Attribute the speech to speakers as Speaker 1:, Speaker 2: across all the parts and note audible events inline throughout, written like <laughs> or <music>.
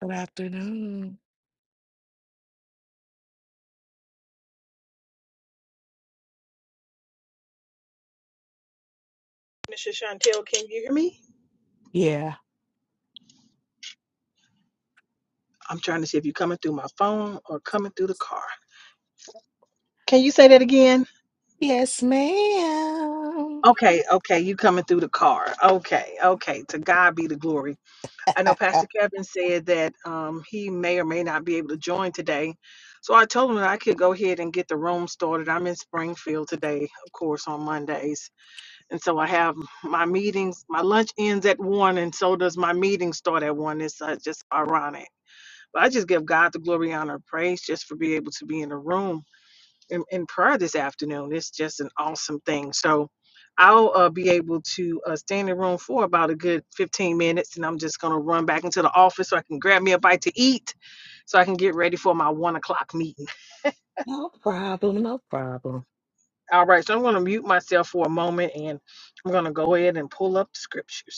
Speaker 1: Good afternoon.
Speaker 2: Mrs. Chantel, can you hear me?
Speaker 1: Yeah.
Speaker 2: I'm trying to see if you're coming through my phone or coming through the car. Can you say that again?
Speaker 1: Yes, ma'am.
Speaker 2: Okay, okay, you coming through the car. Okay, okay. To God be the glory. I know
Speaker 1: <laughs>
Speaker 2: Pastor Kevin said that um, he may or may not be able to join today. So I told him that I could go ahead and get the room started. I'm in Springfield today, of course, on Mondays. And so I have my meetings. My lunch ends at one, and so does my meeting start at one. It's uh, just ironic. But I just give God the glory, honor, and praise just for being able to be in the room in, in prayer this afternoon. It's just an awesome thing. So I'll uh, be able to uh, stay in the room for about a good 15 minutes, and I'm just going to run back into the office so I can grab me a bite to eat so I can get ready for my one o'clock meeting.
Speaker 1: No problem. No problem.
Speaker 2: All right, so I'm going to mute myself for a moment and I'm going to go ahead and pull up the scriptures.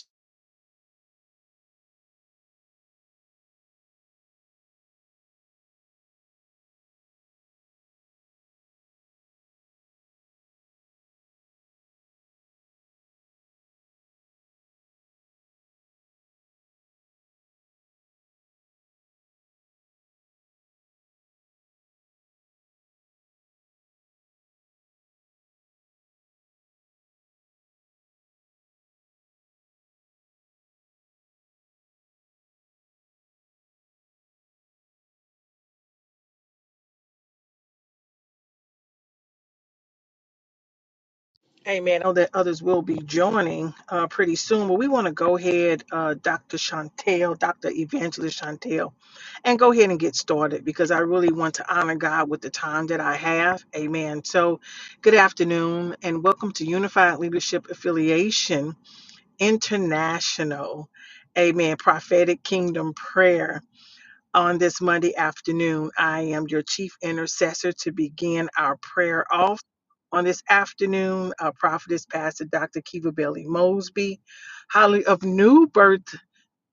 Speaker 2: Amen. Oh, that others will be joining uh, pretty soon. But we want to go ahead, uh, Dr. Chantel, Dr. Evangelist Chantel, and go ahead and get started because I really want to honor God with the time that I have. Amen. So, good afternoon and welcome to Unified Leadership Affiliation International. Amen. Prophetic Kingdom Prayer on this Monday afternoon. I am your chief intercessor to begin our prayer off on this afternoon. Our prophetess, Pastor Dr. Kiva Bailey Mosby, Holly of New Birth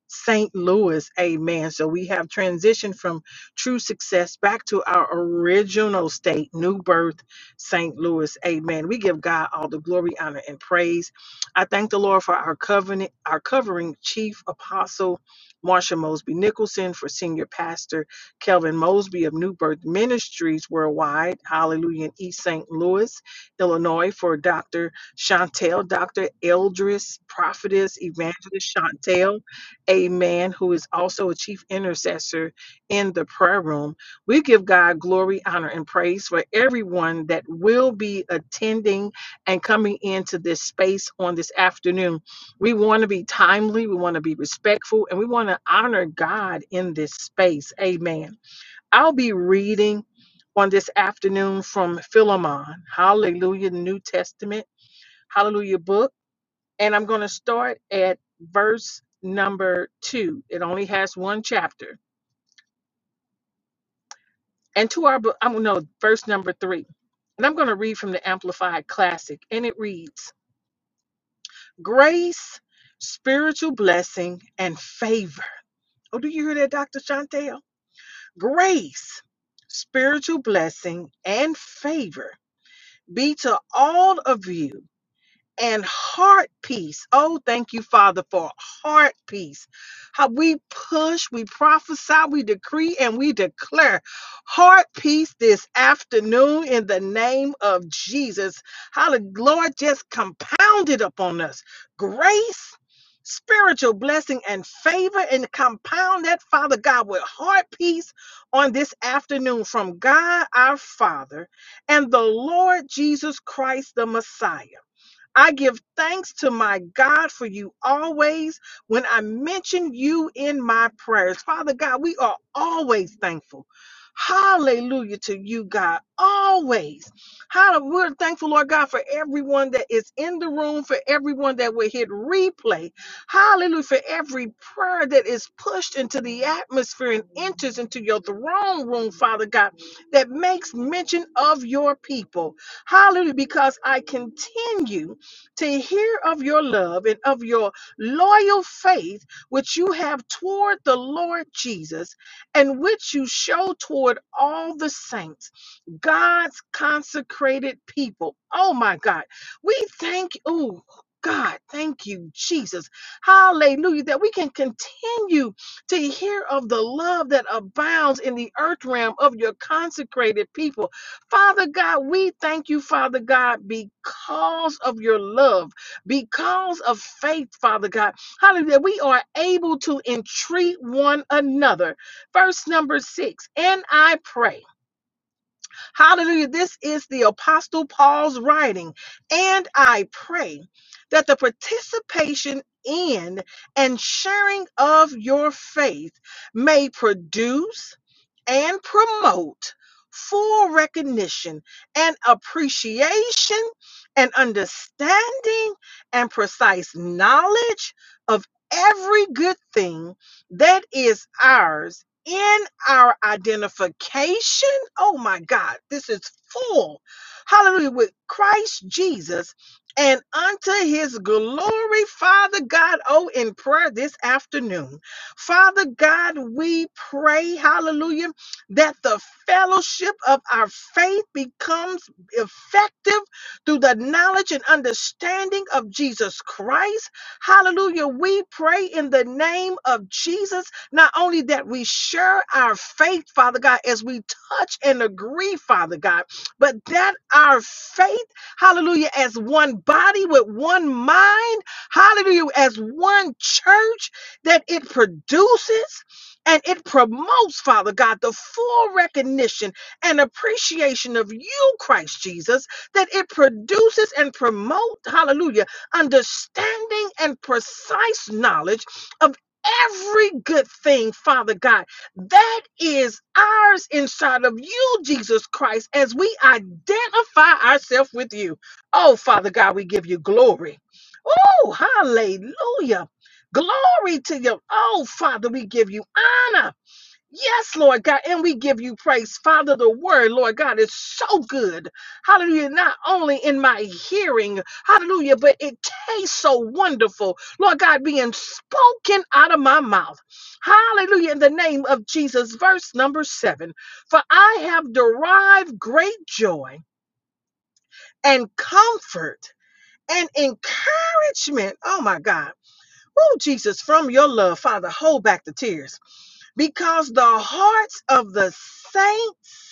Speaker 2: St. Louis. Amen. So we have transitioned from true success back to our original state, new birth, St. Louis. Amen. We give God all the glory, honor, and praise. I thank the Lord for our covenant, our covering chief apostle, Marsha Mosby Nicholson, for senior pastor Kelvin Mosby of New Birth Ministries Worldwide, hallelujah, in East St. Louis, Illinois, for Dr. Chantel, Dr. Eldris, prophetess, evangelist Chantel a man who is also a chief intercessor in the prayer room. We give God glory, honor, and praise for everyone that will be attending and coming into this space on this afternoon. We want to be timely, we want to be respectful, and we want to honor God in this space. Amen. I'll be reading on this afternoon from Philemon, hallelujah, New Testament, hallelujah book and I'm going to start at verse number two. It only has one chapter. And to our, book, I'm no verse number three, and I'm going to read from the Amplified Classic, and it reads: Grace, spiritual blessing, and favor. Oh, do you hear that, Doctor Chantel? Grace, spiritual blessing, and favor be to all of you and heart peace. Oh, thank you, Father, for heart peace. How we push, we prophesy, we decree, and we declare heart peace this afternoon in the name of Jesus. How the Lord just compounded upon us grace. Spiritual blessing and favor, and compound that, Father God, with heart peace on this afternoon from God our Father and the Lord Jesus Christ, the Messiah. I give thanks to my God for you always when I mention you in my prayers. Father God, we are always thankful. Hallelujah to you, God. Always. Hallelujah. We're thankful, Lord God, for everyone that is in the room, for everyone that will hit replay. Hallelujah. For every prayer that is pushed into the atmosphere and enters into your throne room, Father God, that makes mention of your people. Hallelujah. Because I continue to hear of your love and of your loyal faith, which you have toward the Lord Jesus, and which you show toward all the saints. God's consecrated people. Oh my God. We thank you. Ooh, God, thank you, Jesus. Hallelujah. That we can continue to hear of the love that abounds in the earth realm of your consecrated people. Father God, we thank you, Father God, because of your love, because of faith, Father God. Hallelujah. We are able to entreat one another. Verse number six, and I pray. Hallelujah. This is the Apostle Paul's writing. And I pray that the participation in and sharing of your faith may produce and promote full recognition and appreciation and understanding and precise knowledge of every good thing that is ours in our identification. Oh my God, this is full. Hallelujah, with Christ Jesus. And unto his glory, Father God, oh, in prayer this afternoon. Father God, we pray, hallelujah that the fellowship of our faith becomes effective through the knowledge and understanding of Jesus Christ. Hallelujah. We pray in the name of Jesus, not only that we share our faith, Father God, as we touch and agree, Father God, but that our faith, hallelujah, as one body with one mind, hallelujah, as one church, that it produces. And it promotes, Father God, the full recognition and appreciation of you, Christ Jesus, that it produces and promotes, hallelujah, understanding and precise knowledge of every good thing, Father God, that is ours inside of you, Jesus Christ, as we identify ourselves with you. Oh, Father God, we give you glory. Oh, hallelujah. Glory to you. Oh, Father, we give you honor. Yes, Lord God, and we give you praise. Father, the word, Lord God, is so good. Hallelujah. Not only in my hearing, hallelujah, but it tastes so wonderful. Lord God, being spoken out of my mouth. Hallelujah. In the name of Jesus, verse number seven. For I have derived great joy and comfort and encouragement. Oh, my God Oh, Jesus, from your love, Father, hold back the tears because the hearts of the saints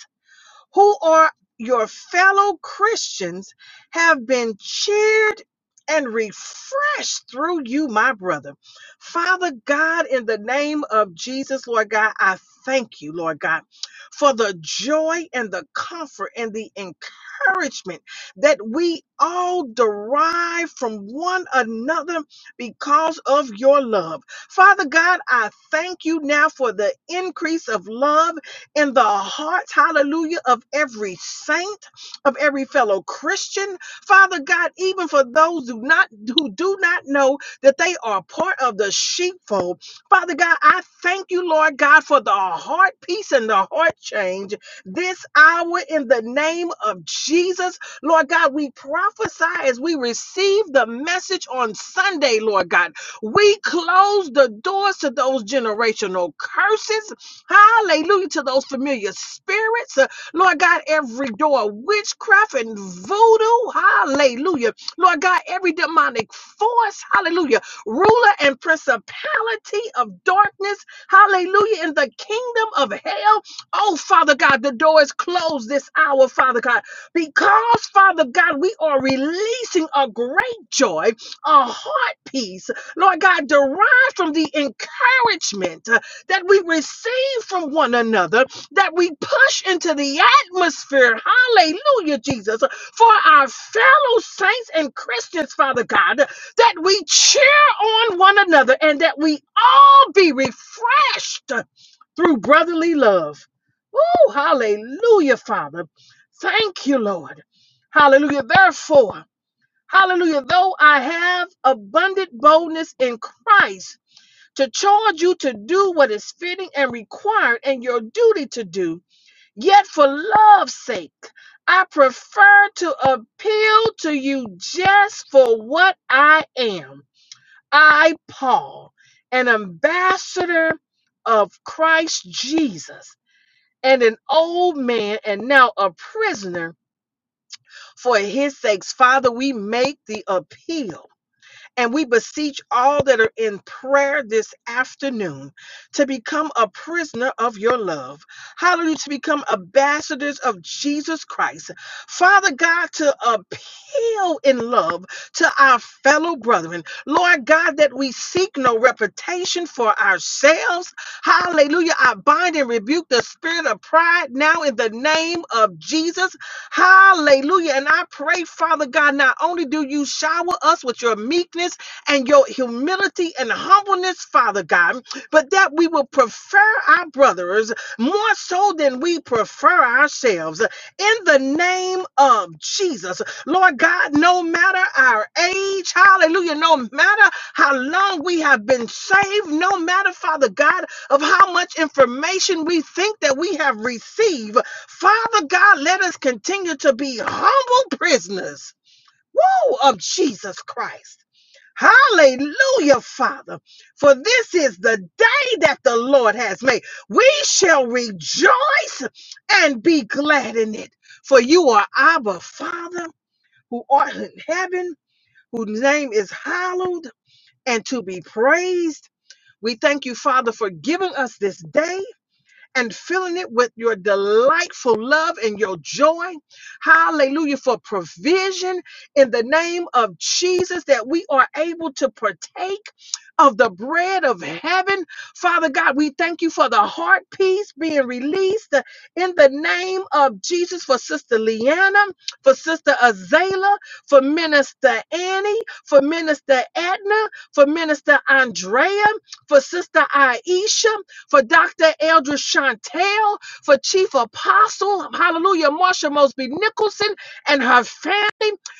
Speaker 2: who are your fellow Christians, have been cheered and refreshed through you, my brother. Father God, in the name of Jesus, Lord God, I thank you, Lord God, for the joy and the comfort and the encouragement that we all derive from one another because of your love. Father God, I thank you now for the increase of love in the hearts, hallelujah, of every saint, of every fellow Christian. Father God, even for those who not who do not know that they are part of the sheepfold. Father God, I thank you, Lord God, for the heart peace and the heart change this hour in the name of Jesus. Lord God, we prophesy as we receive the message on Sunday, Lord God. We close the doors to those generational curses Hallelujah to those familiar spirits. Uh, Lord God, every door of witchcraft and voodoo. Hallelujah. Lord God, every demonic force. Hallelujah. Ruler and principality of darkness. Hallelujah. In the kingdom of hell. Oh, Father God, the door is closed this hour, Father God, because, Father God, we are releasing a great joy, a heart peace. Lord God, derived from the encouragement that we receive from one another, that we push into the atmosphere. Hallelujah, Jesus. For our fellow saints and Christians, Father God, that we cheer on one another and that we all be refreshed through brotherly love. Oh, hallelujah, Father. Thank you, Lord. Hallelujah. Therefore, hallelujah, though I have abundant boldness in Christ to charge you to do what is fitting and required and your duty to do. Yet, for love's sake, I prefer to appeal to you just for what I am. I, Paul, an ambassador of Christ Jesus, and an old man, and now a prisoner for his sakes. Father, we make the appeal. And we beseech all that are in prayer this afternoon to become a prisoner of your love. Hallelujah. To become ambassadors of Jesus Christ. Father God, to appeal in love to our fellow brethren. Lord God, that we seek no reputation for ourselves. Hallelujah. I bind and rebuke the spirit of pride now in the name of Jesus. Hallelujah. And I pray, Father God, not only do you shower us with your meekness and your humility and humbleness, Father God, but that we will prefer our brothers more so than we prefer ourselves. In the name of Jesus, Lord God, no matter our age, hallelujah, no matter how long we have been saved, no matter, Father God, of how much information we think that we have received. Father God, let us continue to be humble prisoners woo, of Jesus Christ. Hallelujah, Father. For this is the day that the Lord has made. We shall rejoice and be glad in it. For you are our Father who art in heaven, whose name is hallowed and to be praised. We thank you, Father, for giving us this day and filling it with your delightful love and your joy. Hallelujah for provision in the name of Jesus that we are able to partake of the bread of heaven. Father God, we thank you for the heart peace being released in the name of Jesus for Sister Leanna, for Sister Azalea, for Minister Annie, for Minister Edna, for Minister Andrea, for Sister Aisha, for Dr. Eldridge Chantel, for Chief Apostle, hallelujah, Marsha Mosby Nicholson and her family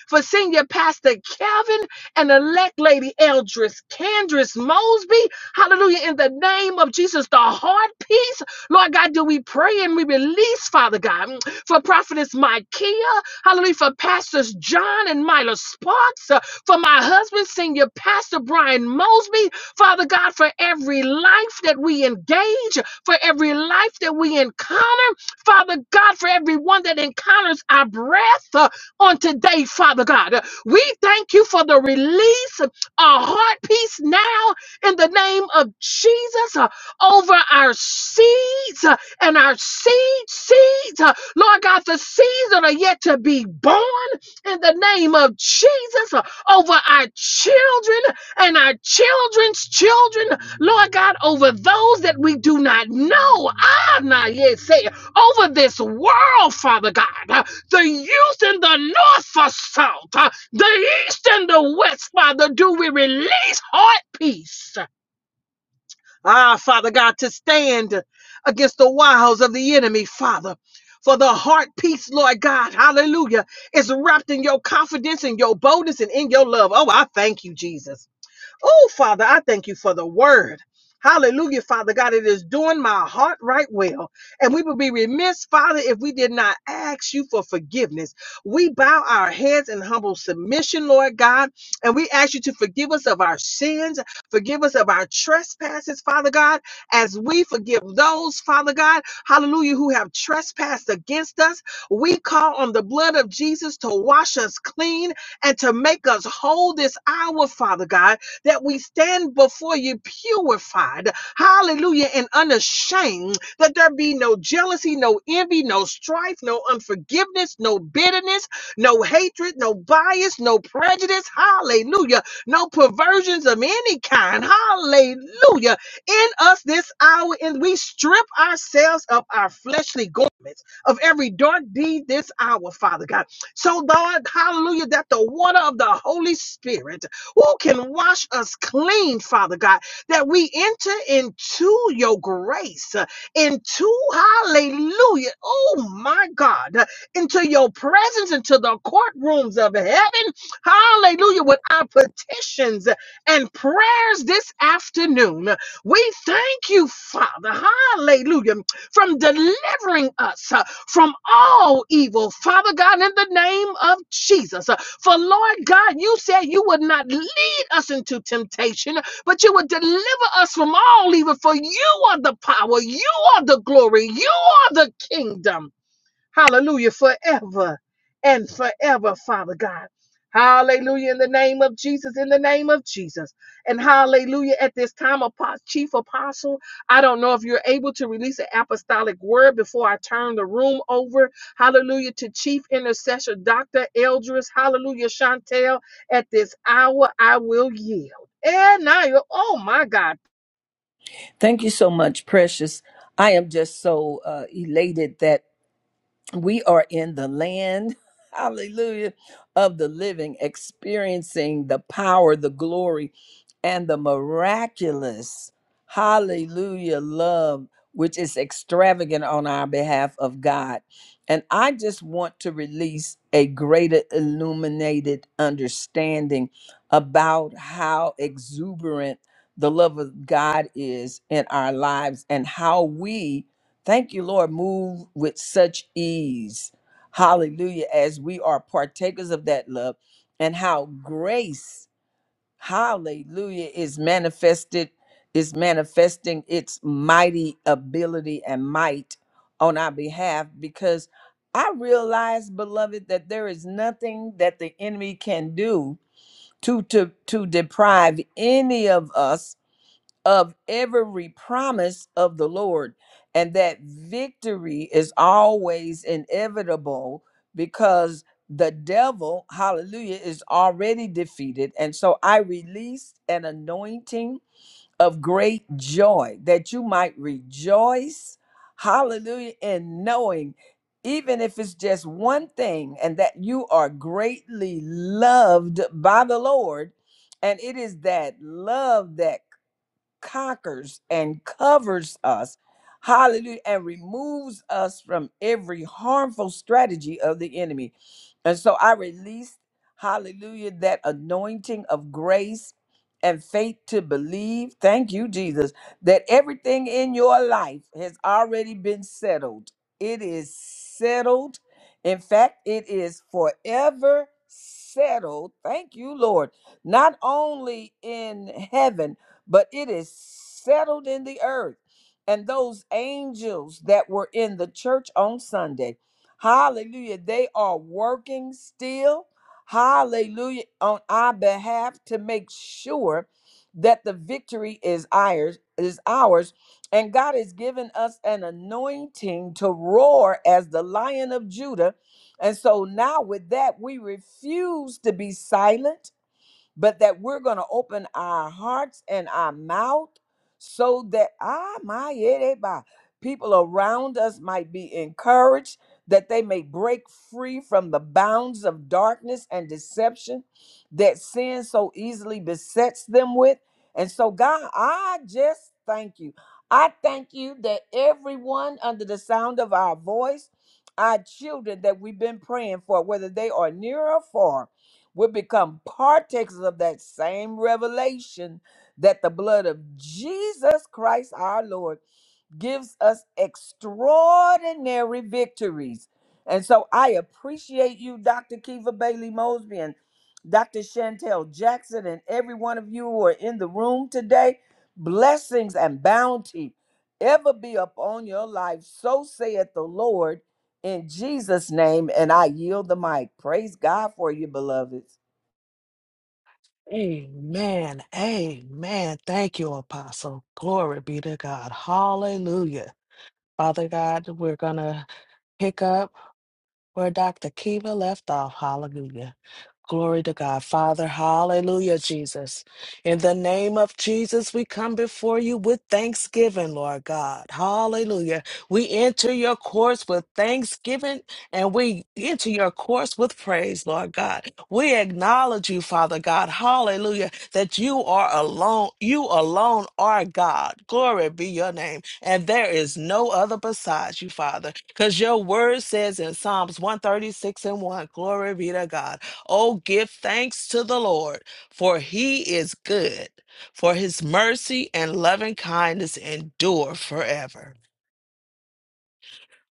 Speaker 2: for Senior Pastor Kevin and elect Lady Eldris Candris Mosby. Hallelujah. In the name of Jesus, the heart peace. Lord God, do we pray and we release, Father God, mm, for Prophetess Micaiah. Hallelujah. For Pastors John and Mila Sparks. uh, For my husband, Senior Pastor Brian Mosby. Father God, for every life that we engage, for every life that we encounter. Father God, for everyone that encounters our breath. Uh, on today, Father God. We thank you for the release of heart peace now in the name of Jesus uh, over our seeds uh, and our seed seeds. uh, Lord God, the seeds that are yet to be born in the name of Jesus uh, over our children and our children's children. Lord God, over those that we do not know. Ah, nah, yes, say, over this world, Father God the youth in the north for south, uh, the east and the west, Father, do we release heart peace. Ah, Father God, to stand against the wiles of the enemy, Father. For the heart peace, Lord God, hallelujah, is wrapped in your confidence and your boldness and in your love. Oh, I thank you, Jesus. Oh, Father, I thank you for the word. Hallelujah, Father God. It is doing my heart right well. And we would be remiss, Father, if we did not ask you for forgiveness. We bow our heads in humble submission, Lord God, and we ask you to forgive us of our sins, forgive us of our trespasses, Father God, as we forgive those, Father God, hallelujah, who have trespassed against us. We call on the blood of Jesus to wash us clean and to make us whole this hour, Father God that we stand before you purified, hallelujah, and unashamed, that there be no jealousy, no envy, no strife, no unforgiveness, no bitterness, no hatred, no bias, no prejudice, hallelujah, no perversions of any kind, hallelujah, in us this hour, and we strip ourselves of our fleshly garments of every dark deed this hour, Father God. So, Lord, hallelujah, that the water of the Holy Spirit who can wash us clean, Father God, that we enter into your grace, uh, into hallelujah, oh my God, uh, into your presence, into the courtrooms of heaven, hallelujah, with our petitions and prayers this afternoon. We thank you, Father, hallelujah, from delivering us uh, from all evil, Father God, in the name of Jesus. Uh, For Lord God, you said you would not lead us into temptation, but you would deliver us from all evil. For you are the power, you are the glory, you are the kingdom. Hallelujah. Forever and forever, Father God. Hallelujah. In the name of Jesus. In the name of Jesus. And hallelujah. At this time, Apo- Chief Apostle, I don't know if you're able to release an apostolic word before I turn the room over. Hallelujah. To Chief Intercessor Dr. Eldris. Hallelujah. Chantel, at this hour, I will yield. And now, oh my God.
Speaker 3: Thank you so much, Precious. I am just so uh, elated that we are in the land <laughs> hallelujah of the living experiencing the power the glory and the miraculous hallelujah love which is extravagant on our behalf of god and i just want to release a greater illuminated understanding about how exuberant the love of god is in our lives and how we Thank you, Lord. Move with such ease. Hallelujah. As we are partakers of that love and how grace, hallelujah, is manifested, is manifesting its mighty ability and might on our behalf. Because I realize, beloved, that there is nothing that the enemy can do to, to, to deprive any of us of every promise of the Lord, and that victory is always inevitable because the devil, hallelujah, is already defeated. And so I released an anointing of great joy that you might rejoice, hallelujah, in knowing. Even if it's just one thing, and that you are greatly loved by the Lord, and it is that love that conquers and covers us, hallelujah, and removes us from every harmful strategy of the enemy. And so I release, hallelujah, that anointing of grace and faith to believe. Thank you, Jesus, that everything in your life has already been settled. It is settled. In fact, it is forever settled. Thank you, Lord. Not only in heaven, but it is settled in the earth. And those angels that were in the church on Sunday, hallelujah, they are working still, hallelujah, on our behalf to make sure that the victory is ours, is ours. And God has given us an anointing to roar as the lion of Judah. And so now with that, we refuse to be silent but that we're going to open our hearts and our mouth so that ah my yereba, people around us might be encouraged that they may break free from the bounds of darkness and deception that sin so easily besets them with and so god i just thank you i thank you that everyone under the sound of our voice our children that we've been praying for whether they are near or far we become partakers of that same revelation that the blood of Jesus Christ our Lord gives us extraordinary victories. And so I appreciate you, Dr. Kiva Bailey Mosby and Dr. Chantel Jackson, and every one of you who are in the room today. Blessings and bounty ever be upon your life. So saith the Lord in Jesus' name. And I yield the mic. Praise God for you, beloveds.
Speaker 1: Amen. Amen. Thank you, Apostle. Glory be to God. Hallelujah. Father God, we're going to pick up. Where Dr. Kiva left off, hallelujah. Glory to God. Father, hallelujah, Jesus. In the name of Jesus, we come before you with thanksgiving, Lord God. Hallelujah. We enter your course with thanksgiving and we enter your course with praise, Lord God. We acknowledge you, Father God. Hallelujah. That you are alone. You alone are God. Glory be your name. And there is no other besides you, Father. Because your word says in Psalms 136 and 1, glory be to God. Oh, give thanks to the Lord, for he is good, for his mercy and loving kindness endure forever.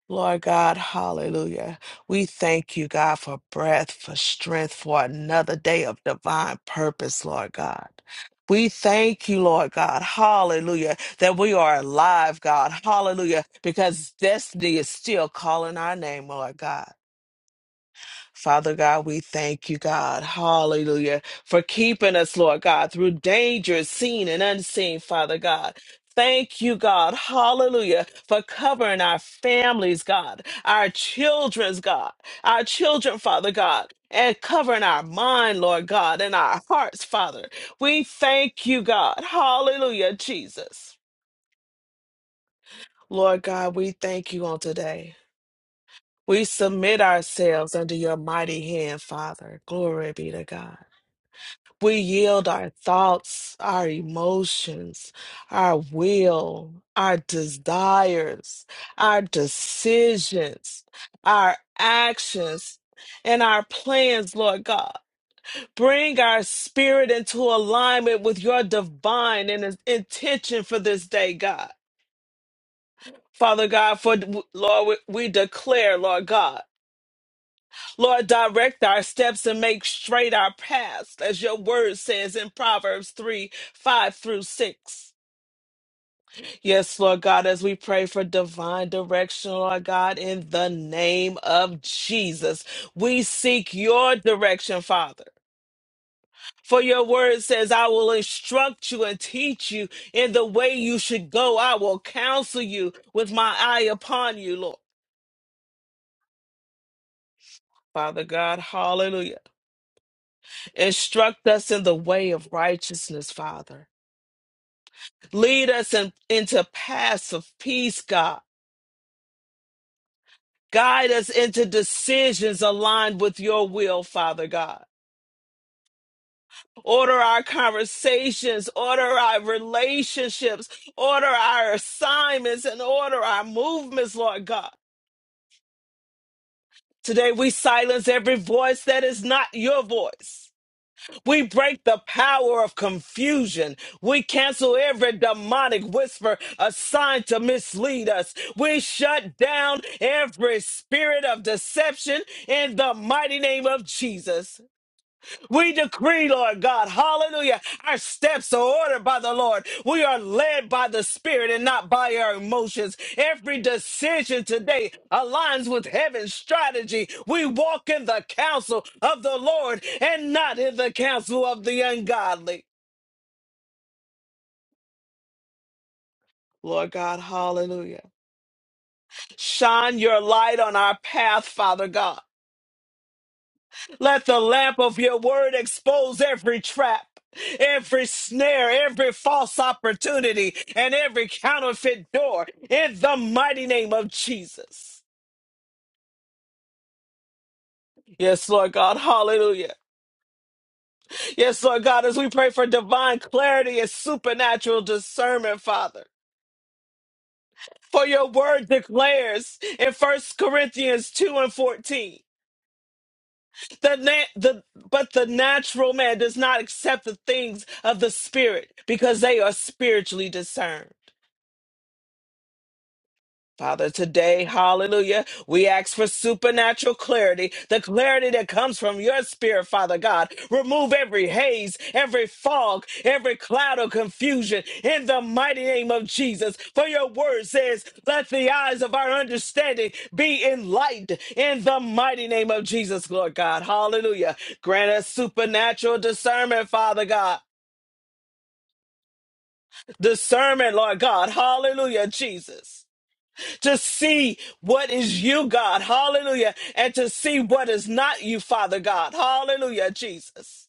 Speaker 1: Lord God, hallelujah. We thank you, God, for breath, for strength, for another day of divine purpose, Lord God. We thank you, Lord God, hallelujah, that we are alive, God, hallelujah, because destiny is still calling our name, Lord God. Father God, we thank you, God. Hallelujah. For keeping us, Lord God, through dangers seen and unseen, Father God. Thank you, God. Hallelujah. For covering our families, God, our children's, God, our children, Father God, and covering our mind, Lord God, and our hearts, Father. We thank you, God. Hallelujah, Jesus. Lord God, we thank you on today. We submit ourselves under your mighty hand, Father. Glory be to God. We yield our thoughts, our emotions, our will, our desires, our decisions, our actions, and our plans, Lord God. Bring our spirit into alignment with your divine and intention for this day, God. Father God, for Lord, we we declare, Lord God. Lord, direct our steps and make straight our paths, as your word says in Proverbs 3 5 through 6. Yes, Lord God, as we pray for divine direction, Lord God, in the name of Jesus, we seek your direction, Father. For your word says, I will instruct you and teach you in the way you should go. I will counsel you with my eye upon you, Lord. Father God, hallelujah. Instruct us in the way of righteousness, Father. Lead us in, into paths of peace, God. Guide us into decisions aligned with your will, Father God. Order our conversations, order our relationships, order our assignments, and order our movements, Lord God. Today we silence every voice that is not your voice. We break the power of confusion. We cancel every demonic whisper assigned to mislead us. We shut down every spirit of deception in the mighty name of Jesus. We decree, Lord God, hallelujah. Our steps are ordered by the Lord. We are led by the Spirit and not by our emotions. Every decision today aligns with heaven's strategy. We walk in the counsel of the Lord and not in the counsel of the ungodly. Lord God, hallelujah. Shine your light on our path, Father God. Let the lamp of your word expose every trap, every snare, every false opportunity, and every counterfeit door in the mighty name of Jesus. Yes, Lord God. Hallelujah. Yes, Lord God, as we pray for divine clarity and supernatural discernment, Father. For your word declares in First Corinthians 2 and 14. The, na- the but the natural man does not accept the things of the spirit because they are spiritually discerned. Father, today, hallelujah, we ask for supernatural clarity, the clarity that comes from your spirit, Father God. Remove every haze, every fog, every cloud of confusion in the mighty name of Jesus. For your word says, let the eyes of our understanding be enlightened in the mighty name of Jesus, Lord God. Hallelujah. Grant us supernatural discernment, Father God. Discernment, Lord God. Hallelujah, Jesus to see what is you, God. Hallelujah. And to see what is not you, Father God. Hallelujah, Jesus.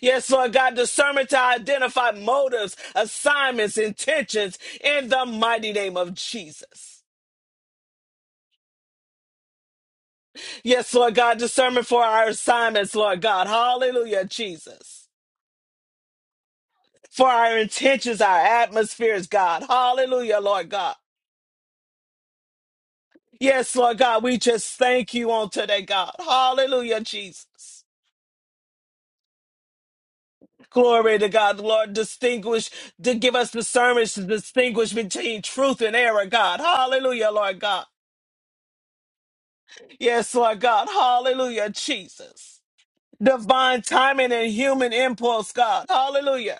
Speaker 1: Yes, Lord God, discernment to identify motives, assignments, intentions in the mighty name of Jesus. Yes, Lord God, discernment for our assignments, Lord God. Hallelujah, Jesus. For our intentions, our atmospheres, God. Hallelujah, Lord God. Yes, Lord God, we just thank you on today, God. Hallelujah, Jesus. Glory to God, Lord. Distinguish, to give us discernment to distinguish between truth and error, God. Hallelujah, Lord God. Yes, Lord God. Hallelujah, Jesus. Divine timing and human impulse, God. Hallelujah.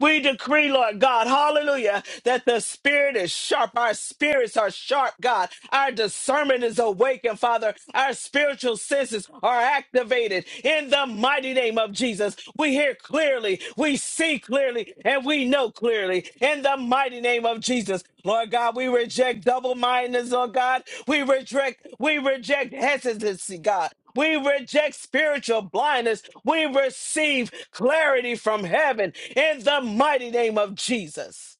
Speaker 1: We decree, Lord God, hallelujah, that the spirit is sharp. Our spirits are sharp, God. Our discernment is awakened, Father. Our spiritual senses are activated in the mighty name of Jesus. We hear clearly, we see clearly, and we know clearly in the mighty name of Jesus. Lord God, we reject double mindedness, Lord God. We reject, we reject hesitancy, God. We reject spiritual blindness. We receive clarity from heaven in the mighty name of Jesus.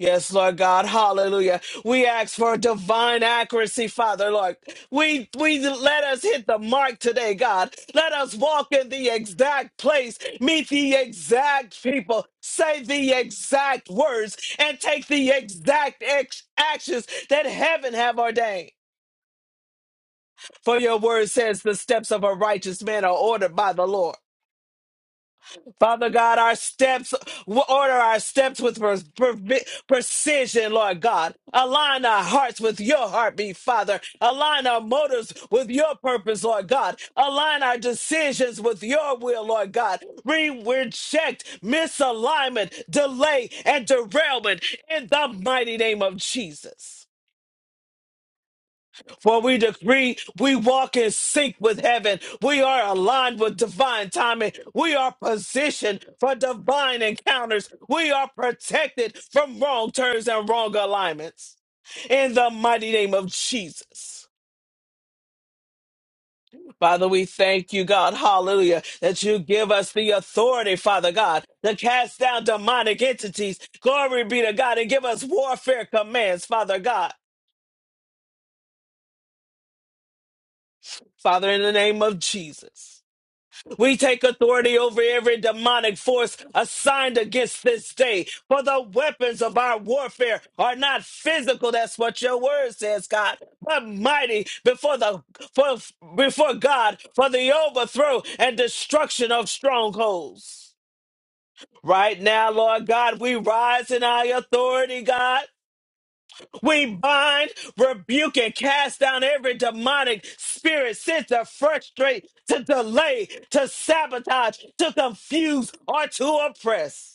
Speaker 1: Yes, Lord God, hallelujah. We ask for divine accuracy, Father, Lord. We we let us hit the mark today, God. Let us walk in the exact place, meet the exact people, say the exact words, and take the exact ex- actions that heaven have ordained. For your word says the steps of a righteous man are ordered by the Lord. Father God, our steps, order our steps with per- per- precision, Lord God. Align our hearts with your heartbeat, Father. Align our motives with your purpose, Lord God. Align our decisions with your will, Lord God. We reject misalignment, delay, and derailment in the mighty name of Jesus. For we decree we walk in sync with heaven. We are aligned with divine timing. We are positioned for divine encounters. We are protected from wrong turns and wrong alignments. In the mighty name of Jesus. Father, we thank you, God, hallelujah, that you give us the authority, Father God, to cast down demonic entities. Glory be to God and give us warfare commands, Father God. Father, in the name of Jesus. We take authority over every demonic force assigned against this day. For the weapons of our warfare are not physical. That's what your word says, God. But mighty before the for, before God for the overthrow and destruction of strongholds. Right now, Lord God, we rise in our authority, God. We bind, rebuke, and cast down every demonic spirit sent to frustrate, to delay, to sabotage, to confuse, or to oppress.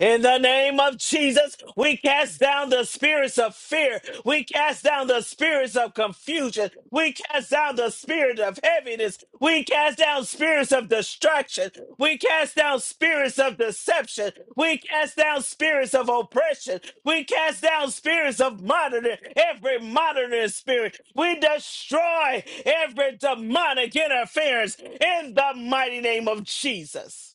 Speaker 1: In the name of Jesus, we cast down the spirits of fear. We cast down the spirits of confusion. We cast down the spirit of heaviness. We cast down spirits of distraction. We cast down spirits of deception. We cast down spirits of oppression. We cast down spirits of monitoring, every monitoring spirit. We destroy every demonic interference in the mighty name of Jesus.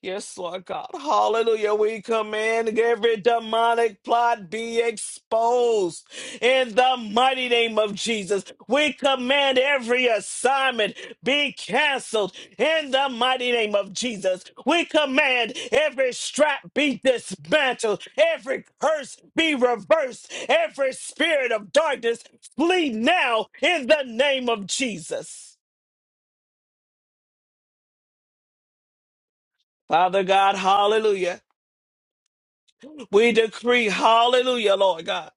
Speaker 1: Yes, Lord God. Hallelujah. We command every demonic plot be exposed in the mighty name of Jesus. We command every assignment be canceled in the mighty name of Jesus. We command every strap be dismantled, every curse be reversed, every spirit of darkness flee now in the name of Jesus. Father God, hallelujah. We decree, hallelujah, Lord God.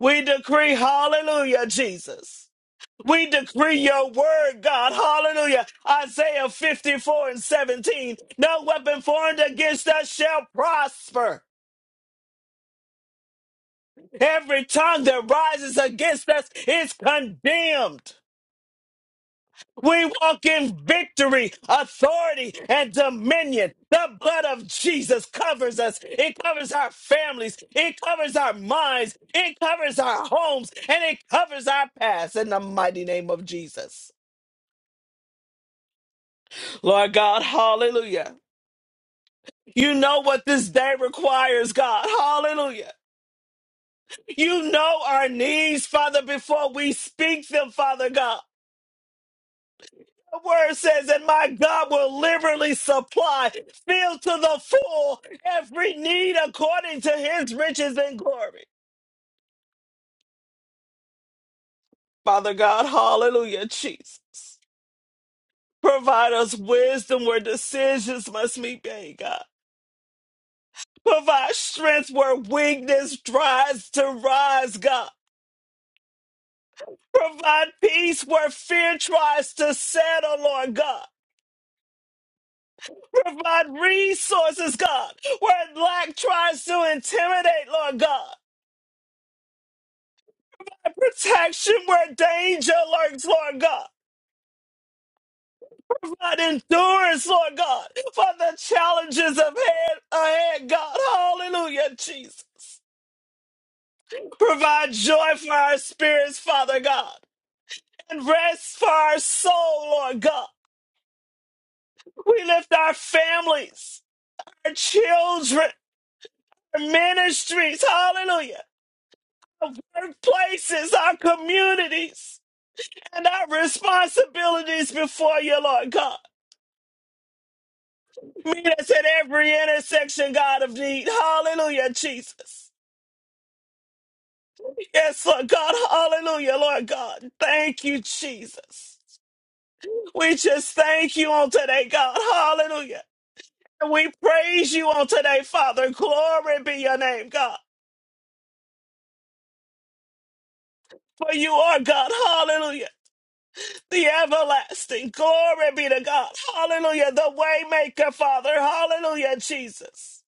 Speaker 1: We decree, hallelujah, Jesus. We decree your word, God, hallelujah. Isaiah 54 and 17. No weapon formed against us shall prosper. Every tongue that rises against us is condemned. We walk in victory, authority, and dominion. The blood of Jesus covers us. It covers our families. It covers our minds. It covers our homes. And it covers our past in the mighty name of Jesus. Lord God, hallelujah. You know what this day requires, God. Hallelujah. You know our needs, Father, before we speak them, Father God. The word says, and my God will liberally supply, fill to the full every need according to his riches and glory. Father God, hallelujah, Jesus. Provide us wisdom where decisions must be made, God. Provide strength where weakness tries to rise, God. Provide peace where fear tries to settle, Lord God. Provide resources, God, where lack tries to intimidate, Lord God. protection where danger lurks, Lord God. Provide endurance, Lord God, for the challenges of head ahead, God. Hallelujah, Jesus. Provide joy for our spirits, Father God, and rest for our soul, Lord God. We lift our families, our children, our ministries, hallelujah, our workplaces, our communities, and our responsibilities before you, Lord God. Meet us at every intersection, God of need. Hallelujah, Jesus. Yes, Lord God. Hallelujah, Lord God. Thank you, Jesus. We just thank you on today, God. Hallelujah. And we praise you on today, Father. Glory be your name, God. For you are God. Hallelujah. The everlasting. Glory be to God. Hallelujah. The waymaker, Father. Hallelujah, Jesus.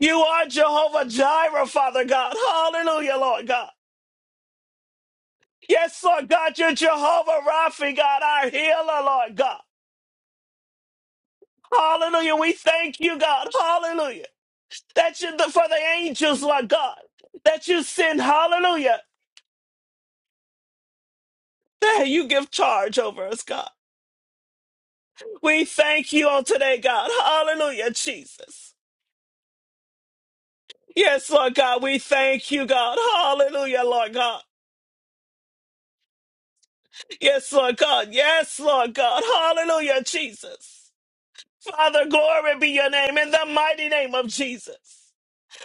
Speaker 1: You are Jehovah Jireh, Father God. Hallelujah, Lord God. Yes, Lord God, you're Jehovah Rapha, God, our healer, Lord God. Hallelujah. We thank you, God. Hallelujah. That you for the angels, Lord God, that you send, hallelujah, that you give charge over us, God. We thank you on today, God. Hallelujah, Jesus. Yes, Lord God, we thank you, God. Hallelujah, Lord God. Yes, Lord God. Yes, Lord God. Hallelujah, Jesus. Father, glory be your name in the mighty name of Jesus.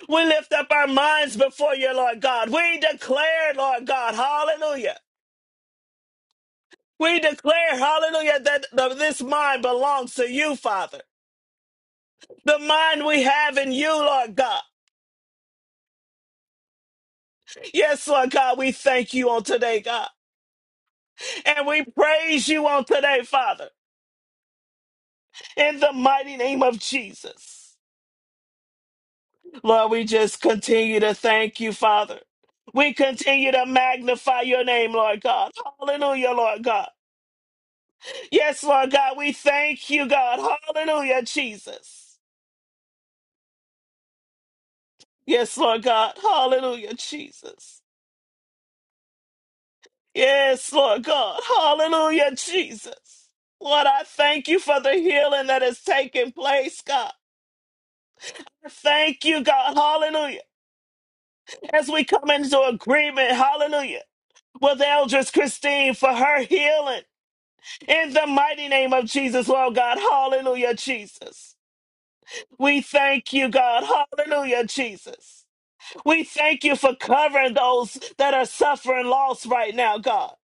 Speaker 1: We lift up our minds before you, Lord God. We declare, Lord God, hallelujah. We declare, hallelujah, that the, this mind belongs to you, Father. The mind we have in you, Lord God. Yes, Lord God, we thank you on today, God. And we praise you on today, Father, in the mighty name of Jesus. Lord, we just continue to thank you, Father. We continue to magnify your name, Lord God. Hallelujah, Lord God. Yes, Lord God, we thank you, God. Hallelujah, Jesus. Yes, Lord God. Hallelujah, Jesus. Yes, Lord God. Hallelujah, Jesus. Lord, I thank you for the healing that is taking place, God. Thank you, God. Hallelujah. As we come into agreement, hallelujah, with Eldris Christine for her healing in the mighty name of Jesus, Lord God. Hallelujah, Jesus. We thank you, God. Hallelujah, Jesus. We thank you for covering those that are suffering loss right now, God.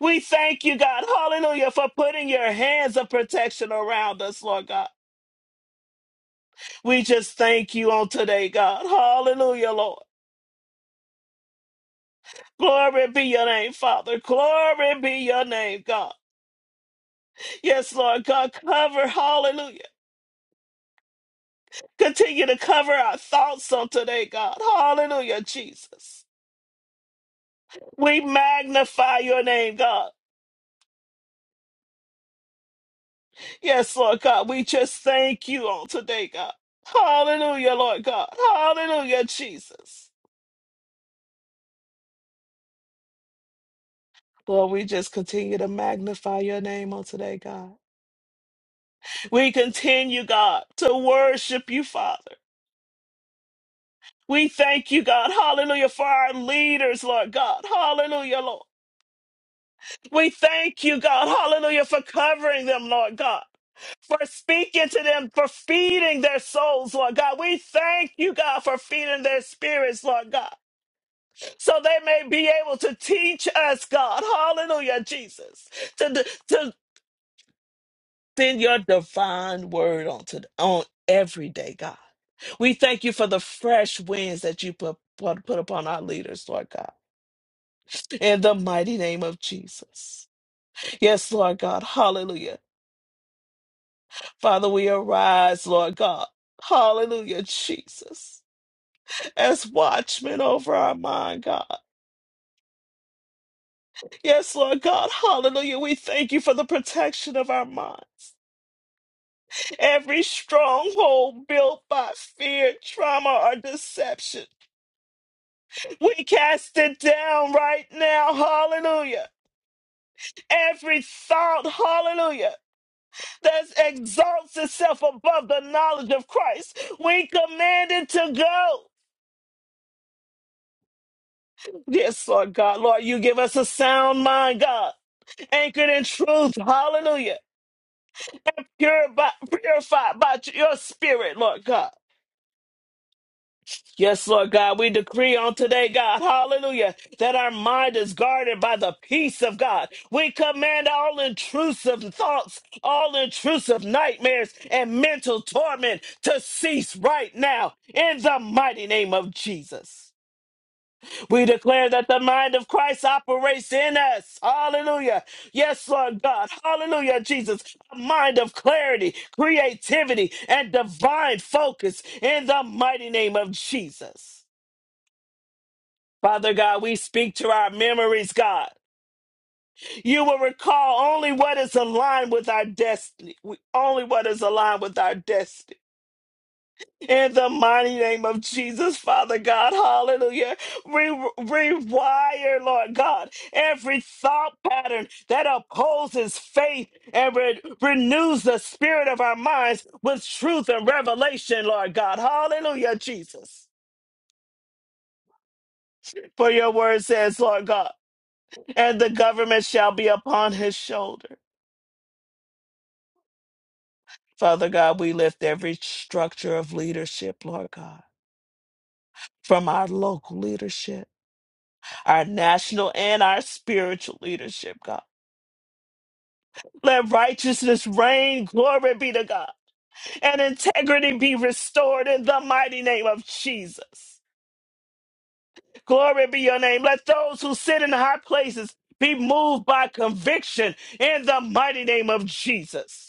Speaker 1: We thank you, God, hallelujah, for putting your hands of protection around us, Lord God. We just thank you on today, God. Hallelujah, Lord. Glory be your name, Father. Glory be your name, God. Yes, Lord God, cover, hallelujah. Continue to cover our thoughts on today, God. Hallelujah, Jesus. We magnify your name, God. Yes, Lord God, we just thank you on today, God. Hallelujah, Lord God. Hallelujah, Jesus. Lord, we just continue to magnify your name on today, God. We continue, God, to worship you, Father. We thank you, God. Hallelujah, for our leaders, Lord God. Hallelujah, Lord. We thank you, God. Hallelujah, for covering them, Lord God for speaking to them, for feeding their souls, Lord God. We thank you, God, for feeding their spirits, Lord God. so they may be able to teach us, God. Hallelujah, Jesus. To, d- to send your divine word on, to, on every day, God. We thank you for the fresh winds that you put, put, put upon our leaders, Lord God. In the mighty name of Jesus. Yes, Lord God. Hallelujah. Father, we arise, Lord God. Hallelujah, Jesus. As watchmen over our mind, God. Yes, Lord God. Hallelujah. We thank you for the protection of our minds. Every stronghold built by fear, trauma, or deception, we cast it down right now. Hallelujah. Every thought, hallelujah, that exalts itself above the knowledge of Christ, we command it to go. Yes, Lord God. Lord, you give us a sound mind, God, anchored in truth. Hallelujah. Purified, purified by your spirit, Lord God. Yes, Lord God, we decree on today, God, hallelujah, that our mind is guarded by the peace of God. We command all intrusive thoughts, all intrusive nightmares, and mental torment to cease right now in the mighty name of Jesus. We declare that the mind of Christ operates in us. Hallelujah. Yes, Lord God. Hallelujah, Jesus. A mind of clarity, creativity, and divine focus in the mighty name of Jesus. Father God, we speak to our memories, God. You will recall only what is aligned with our destiny, We- only what is aligned with our destiny. In the mighty name of Jesus, Father God, hallelujah. Re- rewire, Lord God, every thought pattern that opposes faith and re- renews the spirit of our minds with truth and revelation, Lord God. Hallelujah, Jesus. For your word says, Lord God. and the government shall be upon his shoulder. Father God, we lift every structure of leadership, Lord God, from our local leadership, our national and our spiritual leadership, God. Let righteousness reign, glory be to God, and integrity be restored in the mighty name of Jesus. Glory be your name. Let those who sit in high places be moved by conviction in the mighty name of Jesus.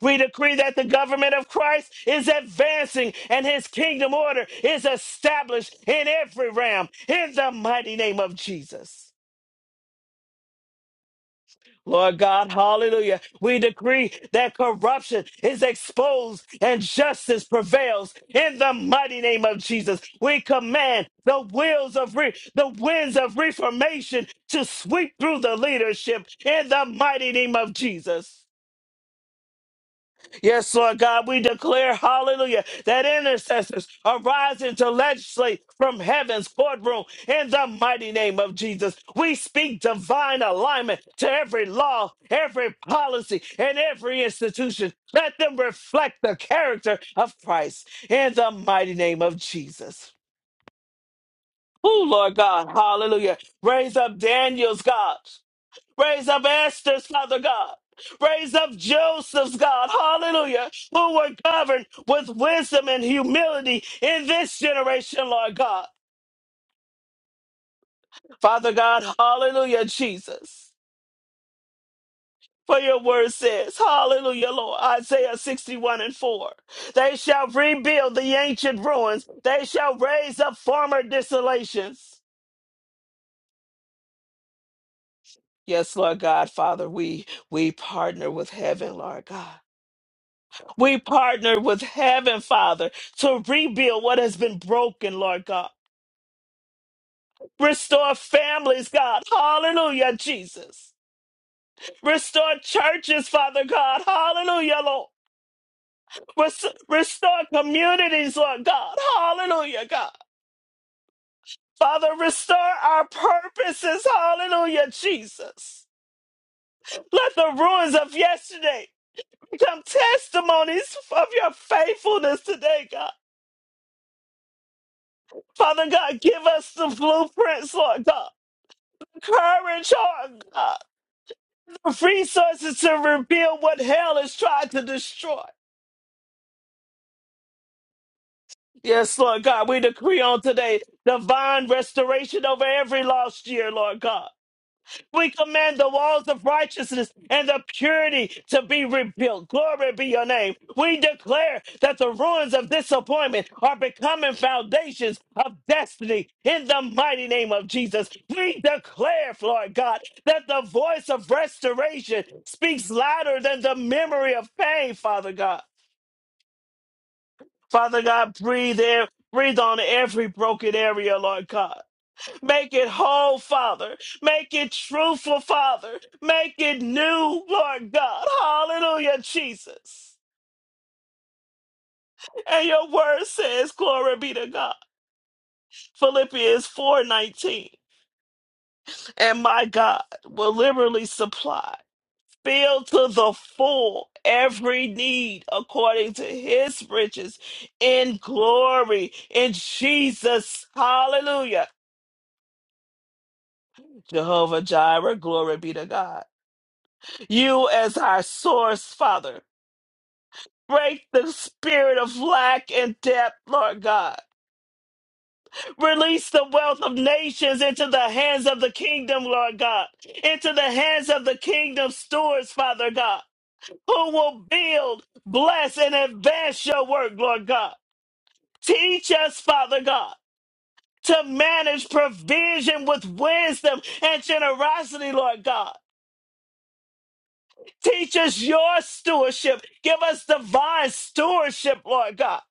Speaker 1: We decree that the government of Christ is advancing and his kingdom order is established in every realm in the mighty name of Jesus. Lord God, hallelujah. We decree that corruption is exposed and justice prevails in the mighty name of Jesus. We command the wheels of re- the winds of reformation to sweep through the leadership in the mighty name of Jesus. Yes, Lord God, we declare, hallelujah, that intercessors are rising to legislate from heaven's courtroom in the mighty name of Jesus. We speak divine alignment to every law, every policy, and every institution. Let them reflect the character of Christ in the mighty name of Jesus. Oh, Lord God, hallelujah. Raise up Daniel's God. Raise up Esther's, Father God. Raise up Joseph's, God. Hallelujah. Who were governed with wisdom and humility in this generation, Lord God. Father God, hallelujah, Jesus. For your word says, hallelujah, Lord, Isaiah 61 and 4. They shall rebuild the ancient ruins. They shall raise up former desolations. Yes, Lord God, Father, we we partner with heaven, Lord God. We partner with heaven, Father, to rebuild what has been broken, Lord God. Restore families, God. Hallelujah, Jesus. Restore churches, Father God. Hallelujah, Lord. Res- restore communities, Lord God. Hallelujah, God. Father, restore our purposes. Hallelujah, Jesus. Let the ruins of yesterday become testimonies of your faithfulness today, God. Father God, give us the blueprints, Lord God. Courage, her, God. The resources to reveal what hell has tried to destroy. Yes, Lord God, we decree on today divine restoration over every lost year, Lord God. We command the walls of righteousness and the purity to be rebuilt. Glory be your name. We declare that the ruins of disappointment are becoming foundations of destiny in the mighty name of Jesus. We declare, Lord God, that the voice of restoration speaks louder than the memory of pain, Father God. Father God, breathe in, breathe on every broken area, Lord God. Make it whole, Father. Make it truthful, Father. Make it new, Lord God. Hallelujah, Jesus. And your word says, Glory be to God. Philippians 4:19. And my God will liberally supply, fill to the full every need according to his riches in glory in Jesus. Hallelujah. Jehovah Jireh, glory be to God. You as our source, Father. Break the spirit of lack and debt, Lord God. Release the wealth of nations into the hands of the kingdom, Lord God. Into the hands of the kingdom stewards, Father God, who will build, bless, and advance your work, Lord God. Teach us, Father God, to manage provision with wisdom and generosity, Lord God. Teach us your stewardship. Give us divine stewardship, Lord God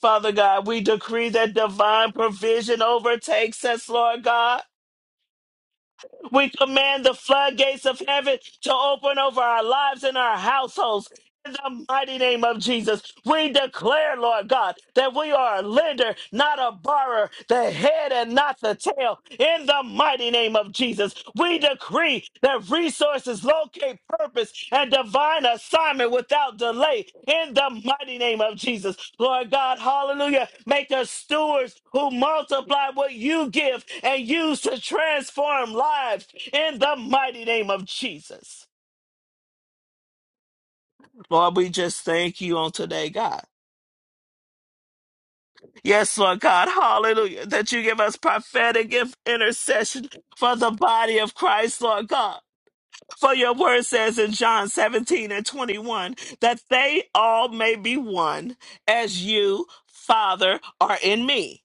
Speaker 1: Father God, we decree that divine provision overtakes us, Lord God. We command the floodgates of heaven to open over our lives and our households. In the mighty name of Jesus, we declare, Lord God, that we are a lender, not a borrower, the head and not the tail. In the mighty name of Jesus, we decree that resources locate purpose and divine assignment without delay. In the mighty name of Jesus, Lord God, hallelujah. Make us stewards who multiply what you give and use to transform lives. In the mighty name of Jesus. Lord, we just thank you on today, God. Yes, Lord God, hallelujah, that you give us prophetic inf- intercession for the body of Christ, Lord God. For your word says in John 17 and 21 that they all may be one, as you, Father, are in me,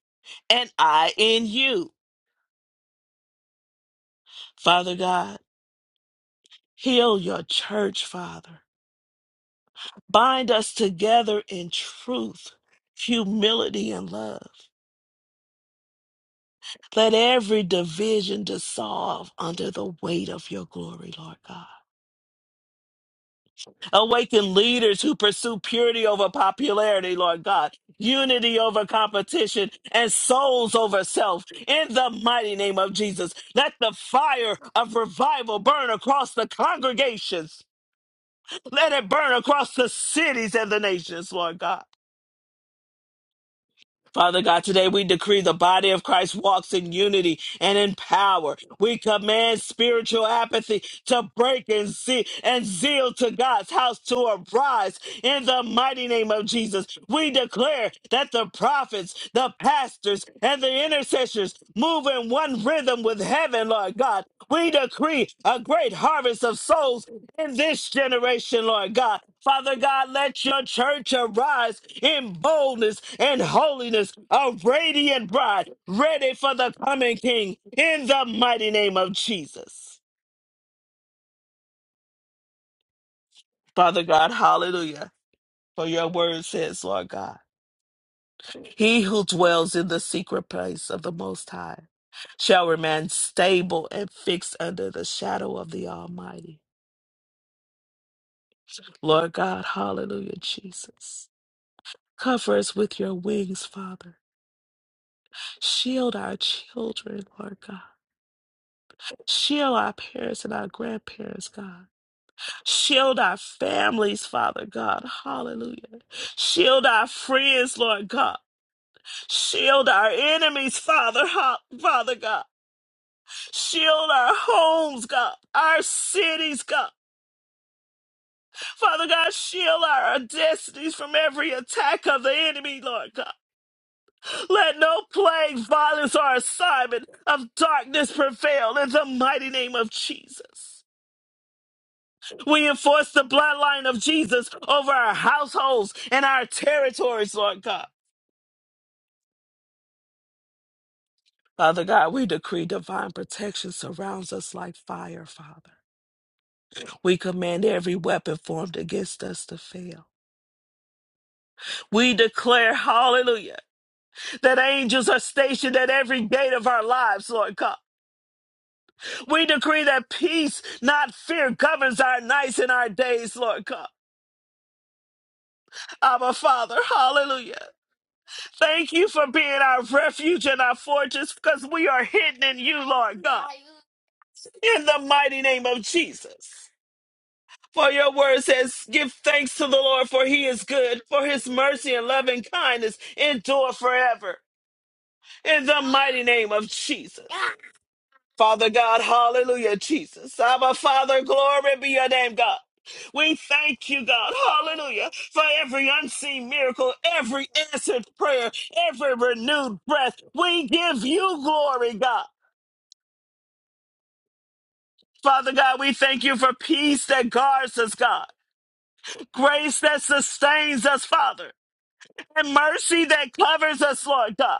Speaker 1: and I in you. Father God, heal your church, Father. Bind us together in truth, humility, and love. Let every division dissolve under the weight of your glory, Lord God. Awaken leaders who pursue purity over popularity, Lord God, unity over competition, and souls over self. In the mighty name of Jesus, let the fire of revival burn across the congregations. Let it burn across the cities and the nations, Lord God. Father God, today we decree the body of Christ walks in unity and in power. We command spiritual apathy to break and see and zeal to God's house to arise in the mighty name of Jesus. We declare that the prophets, the pastors, and the intercessors move in one rhythm with heaven, Lord God. We decree a great harvest of souls in this generation, Lord God. Father God, let your church arise in boldness and holiness, a radiant bride, ready for the coming King, in the mighty name of Jesus. Father God, hallelujah. For your word says, Lord God, he who dwells in the secret place of the Most High shall remain stable and fixed under the shadow of the Almighty. Lord God, hallelujah, Jesus. Cover us with your wings, Father Shield our children, Lord God. Shield our parents and our grandparents, God. Shield our families, Father God. Hallelujah. Shield our friends, Lord God. Shield our enemies, Father, Ha- Father God. Shield our homes, God. Our cities, God. Father God, shield our destinies from every attack of the enemy, Lord God. Let no plague, violence, or assignment of darkness prevail in the mighty name of Jesus. We enforce the bloodline of Jesus over our households and our territories, Lord God. Father God, we decree divine protection surrounds us like fire, Father. We command every weapon formed against us to fail. We declare, hallelujah, that angels are stationed at every gate of our lives, Lord God. We decree that peace, not fear, governs our nights and our days, Lord God. Abba, Father, hallelujah. Thank you for being our refuge and our fortress because we are hidden in you, Lord God. In the mighty name of Jesus. For your word says, Give thanks to the Lord, for he is good, for his mercy and loving kindness endure forever. In the mighty name of Jesus. Father God, hallelujah, Jesus. Abba, Father, glory be your name, God. We thank you, God, hallelujah, for every unseen miracle, every answered prayer, every renewed breath. We give you glory, God. Father God, we thank you for peace that guards us, God, grace that sustains us, Father, and mercy that covers us, Lord God.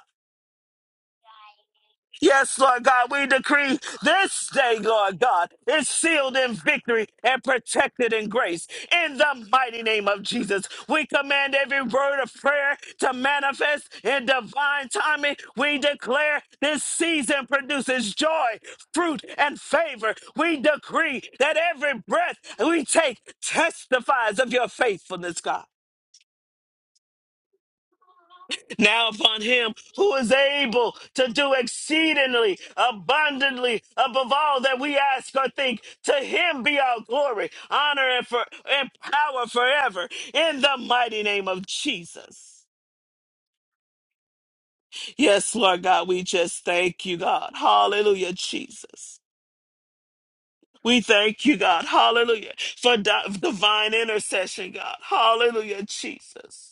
Speaker 1: Yes, Lord God, we decree this day, Lord God, is sealed in victory and protected in grace. In the mighty name of Jesus, we command every word of prayer to manifest in divine timing. We declare this season produces joy, fruit, and favor. We decree that every breath we take testifies of your faithfulness, God. now upon him who is able to do exceedingly abundantly above all that we ask or think to him be all glory honor and, for, and power forever in the mighty name of jesus yes lord god we just thank you god hallelujah jesus we thank you, God, hallelujah, for di- divine intercession, God, hallelujah, Jesus.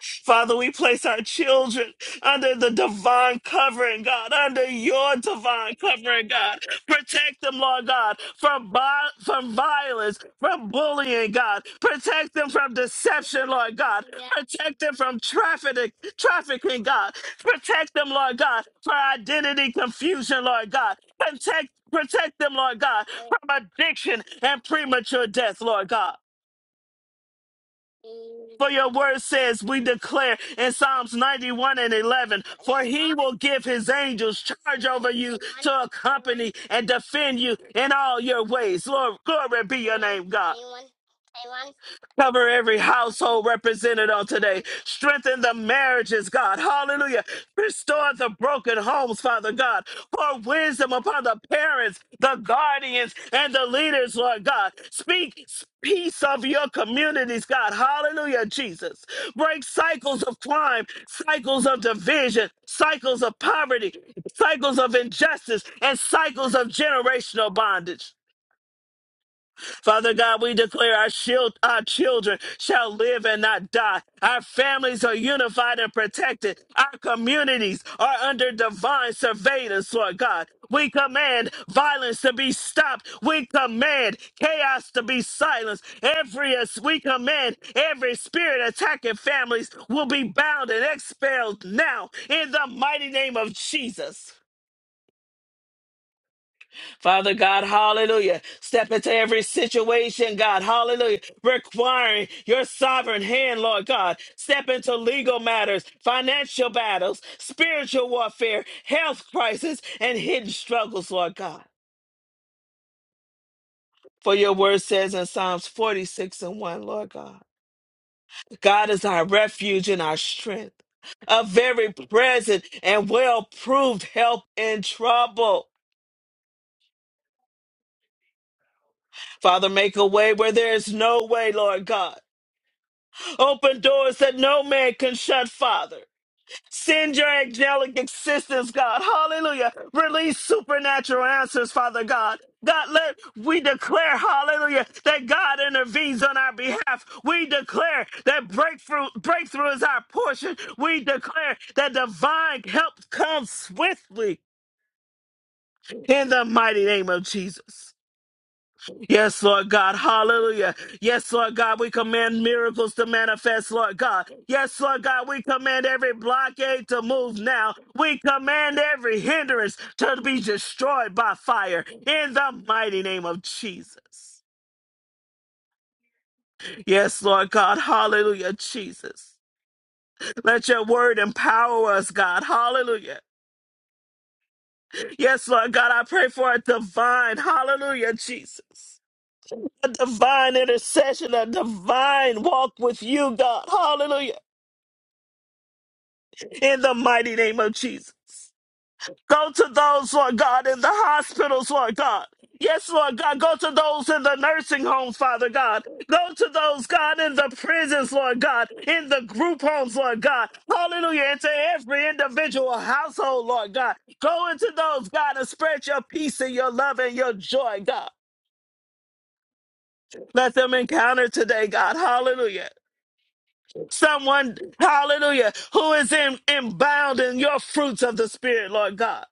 Speaker 1: Father, we place our children under the divine covering, God, under your divine covering, God. Protect them, Lord God, from, vi- from violence, from bullying, God. Protect them from deception, Lord God. Protect them from trafficking, trafficking, God. Protect them, Lord God, for identity confusion, Lord God. Protect, protect them, Lord God, from addiction and premature death, Lord God. For your word says, we declare in Psalms 91 and 11, for he will give his angels charge over you to accompany and defend you in all your ways. Lord, glory be your name, God. Cover every household represented on today. Strengthen the marriages, God. Hallelujah. Restore the broken homes, Father God. Pour wisdom upon the parents, the guardians, and the leaders, Lord God. Speak peace of your communities, God. Hallelujah, Jesus. Break cycles of crime, cycles of division, cycles of poverty, cycles of injustice, and cycles of generational bondage. Father God, we declare our shield, our children shall live and not die. Our families are unified and protected. Our communities are under divine surveillance, Lord God. We command violence to be stopped. We command chaos to be silenced. Every we command every spirit attacking families will be bound and expelled now in the mighty name of Jesus. Father God, hallelujah. Step into every situation, God, hallelujah. Requiring your sovereign hand, Lord God. Step into legal matters, financial battles, spiritual warfare, health crisis, and hidden struggles, Lord God. For your word says in Psalms 46 and 1, Lord God, God is our refuge and our strength, a very present and well proved help in trouble. Father, make a way where there is no way, Lord God. Open doors that no man can shut, Father. Send your angelic assistance, God. Hallelujah. Release supernatural answers, Father God. God, let we declare, hallelujah, that God intervenes on our behalf. We declare that breakthrough, breakthrough is our portion. We declare that divine help comes swiftly in the mighty name of Jesus. Yes, Lord God. Hallelujah. Yes, Lord God. We command miracles to manifest, Lord God. Yes, Lord God. We command every blockade to move now. We command every hindrance to be destroyed by fire in the mighty name of Jesus. Yes, Lord God. Hallelujah, Jesus. Let your word empower us, God. Hallelujah. Yes, Lord God. I pray for a divine, hallelujah, Jesus. a divine intercession, a divine walk with you, God. Hallelujah. In the mighty name of Jesus. Go to those, Lord God, in the hospitals, Lord God. Yes, Lord God. Go to those in the nursing homes, Father God. Go to those, God, in the prisons, Lord God, in the group homes, Lord God. Hallelujah. Into every individual household, Lord God. Go into those, God, and spread your peace and your love and your joy, God. Let them encounter today, God. Hallelujah. Someone, hallelujah, who is in, in bound in your fruits of the Spirit, Lord God.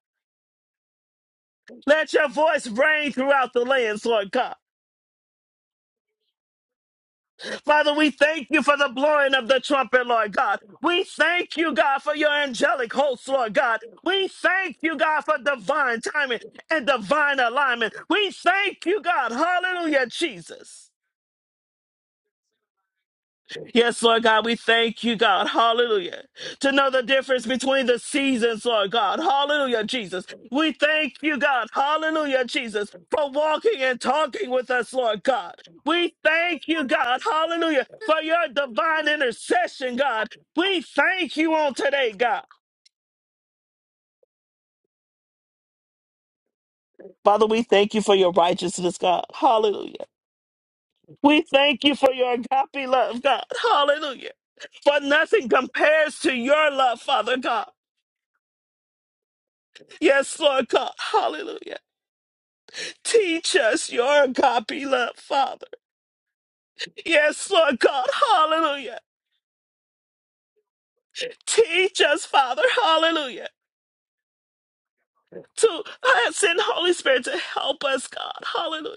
Speaker 1: Let your voice reign throughout the lands, Lord God. Father, we thank you for the blowing of the trumpet, Lord God. We thank you, God, for your angelic hosts, Lord God. We thank you, God, for divine timing and divine alignment. We thank you, God. Hallelujah, Jesus. Yes, Lord God, we thank you, God. Hallelujah. To know the difference between the seasons, Lord God. Hallelujah, Jesus. We thank you, God. Hallelujah, Jesus, for walking and talking with us, Lord God. We thank you, God. Hallelujah, for your divine intercession, God. We thank you on today, God. Father, we thank you for your righteousness, God. Hallelujah. We thank you for your agape love, God. Hallelujah. For nothing compares to your love, Father God. Yes, Lord God. Hallelujah. Teach us your agape love, Father. Yes, Lord God. Hallelujah. Teach us, Father. Hallelujah. To uh, send Holy Spirit to help us, God. Hallelujah.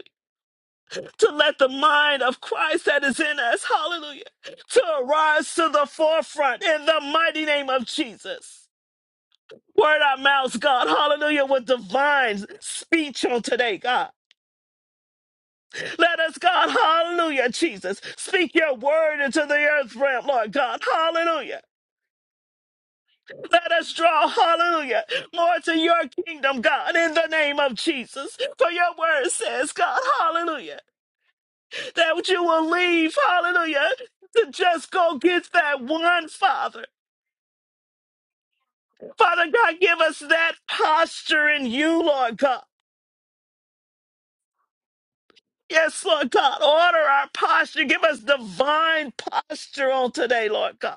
Speaker 1: To let the mind of Christ that is in us, hallelujah, to arise to the forefront in the mighty name of Jesus. Word our mouths, God. Hallelujah. With divine speech on today, God. Let us, God, hallelujah, Jesus, speak your word into the earth realm, Lord God, hallelujah. Let us draw, hallelujah, more to your kingdom, God, in the name of Jesus. For your word says, God, hallelujah, that you will leave, hallelujah, to just go get that one, Father. Father God, give us that posture in you, Lord God. Yes, Lord God, order our posture. Give us divine posture on today, Lord God.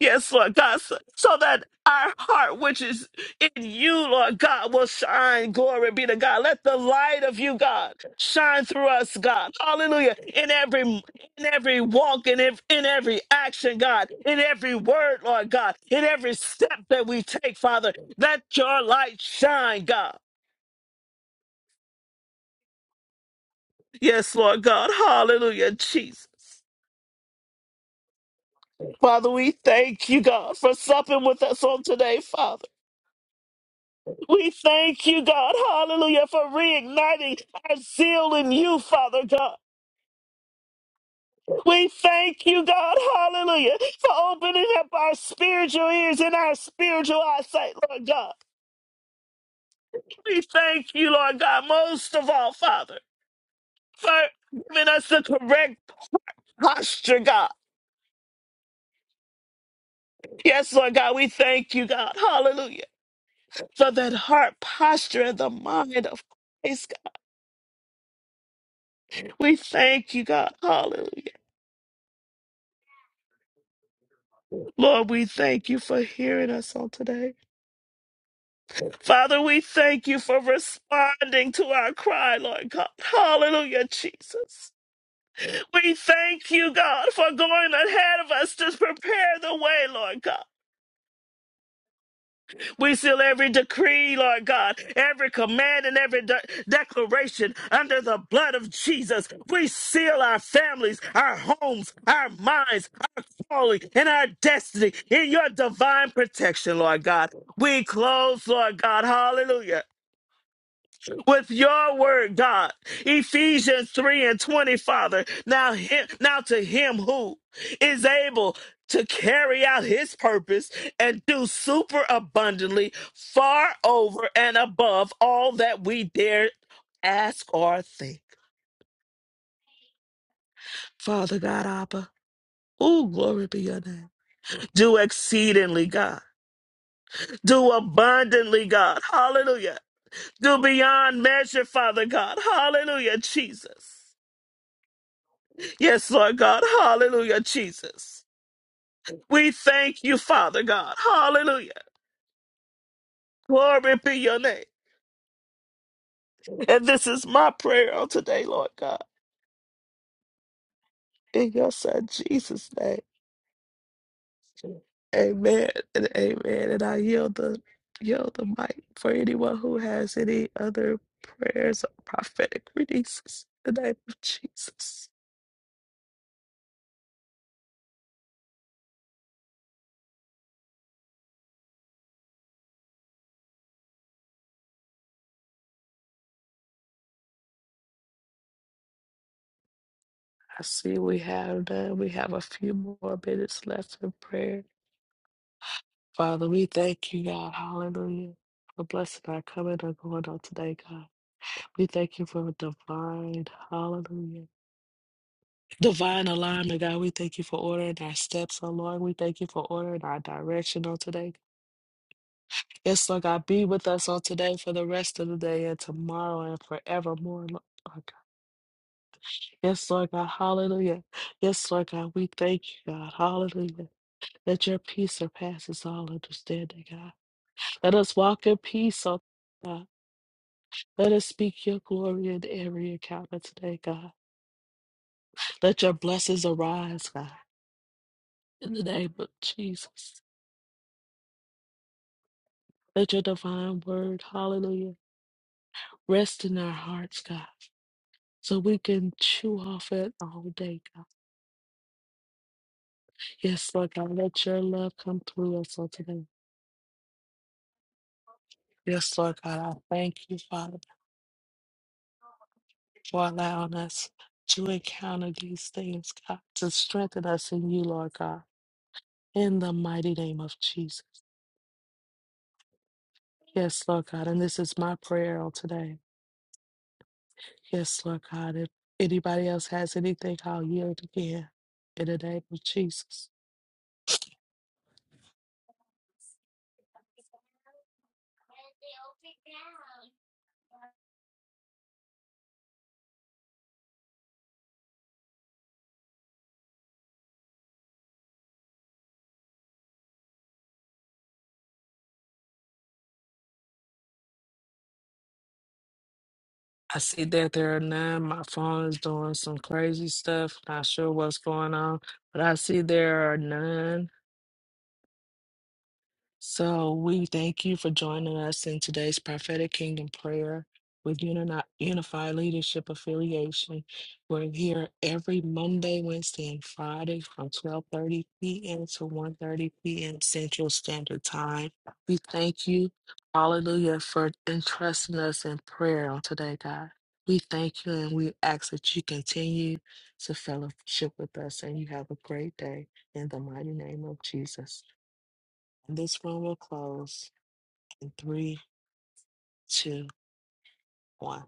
Speaker 1: Yes, Lord God, so so that our heart, which is in you, Lord God, will shine. Glory be to God. Let the light of you, God, shine through us, God. Hallelujah. In every in every walk, in ev- in every action, God, in every word, Lord God, in every step that we take, Father, let your light shine, God. Yes, Lord God. Hallelujah, Jesus. Father, we thank you, God, for supping with us on today, Father. We thank you, God, hallelujah, for reigniting our zeal in you, Father God. We thank you, God, hallelujah, for opening up our spiritual ears and our spiritual eyesight, Lord God. We thank you, Lord God, most of all, Father, for giving us the correct posture, God. Yes, Lord God, we thank you, God, hallelujah, for that heart posture and the mind of Christ. God. We thank you, God, hallelujah. Lord, we thank you for hearing us on today. Father, we thank you for responding to our cry, Lord God. Hallelujah, Jesus. We thank you, God, for going ahead of us to prepare the way, Lord God. We seal every decree, Lord God, every command and every de- declaration under the blood of Jesus. We seal our families, our homes, our minds, holy, and our destiny in your divine protection, Lord God. We close, Lord God. Hallelujah with your word, God. Ephesians 3 and 20, Father. Now him, now to him who is able to carry out his purpose and do super abundantly, far over and above all that we dare ask or think. Father God, Abba. Oh, glory be your name. Do exceedingly, God. Do abundantly, God. Hallelujah. Do beyond measure, Father God. Hallelujah, Jesus. Yes, Lord God. Hallelujah, Jesus. We thank you, Father God. Hallelujah. Glory be your name. And this is my prayer on today, Lord God. In your son Jesus' name. Amen and amen. And I yield the yield the mic for anyone who has any other prayers or prophetic releases. In the name of Jesus. I see we have done. We have a few more minutes left in prayer. Father, we thank you, God. Hallelujah. For blessing our coming and going on today, God. We thank you for divine, hallelujah. Divine alignment, God. We thank you for ordering our steps, oh Lord. We thank you for ordering our direction on today. Yes, Lord God, be with us on today for the rest of the day and tomorrow and forevermore, Lord God. Yes, Lord God, hallelujah. Yes, Lord God, we thank you, God, hallelujah. That your peace surpasses all understanding, God. Let us walk in peace, oh God. Let us speak your glory in every encounter today, God. Let your blessings arise, God, in the name of Jesus. Let your divine word, hallelujah, rest in our hearts, God, so we can chew off it all day, God. Yes, Lord God, let your love come through us on today. Yes, Lord God, I thank you, Father, for allowing us to encounter these things, God, to strengthen us in you, Lord God, in the mighty name of Jesus. Yes, Lord God, and this is my prayer on today. Yes, Lord God. If anybody else has anything, I'll yield again in the name of Jesus. I see that there are none. My phone is doing some crazy stuff. Not sure what's going on, but I see there are none. So we thank you for joining us in today's prophetic kingdom prayer with Uni- Unified Leadership Affiliation. We're here every Monday, Wednesday, and Friday from 12:30 p.m. to one thirty p.m. Central Standard Time. We thank you, Hallelujah, for entrusting us in prayer on today, God. We thank you, and we ask that you continue to fellowship with us, and you have a great day in the mighty name of Jesus. This one will close in three, two, one.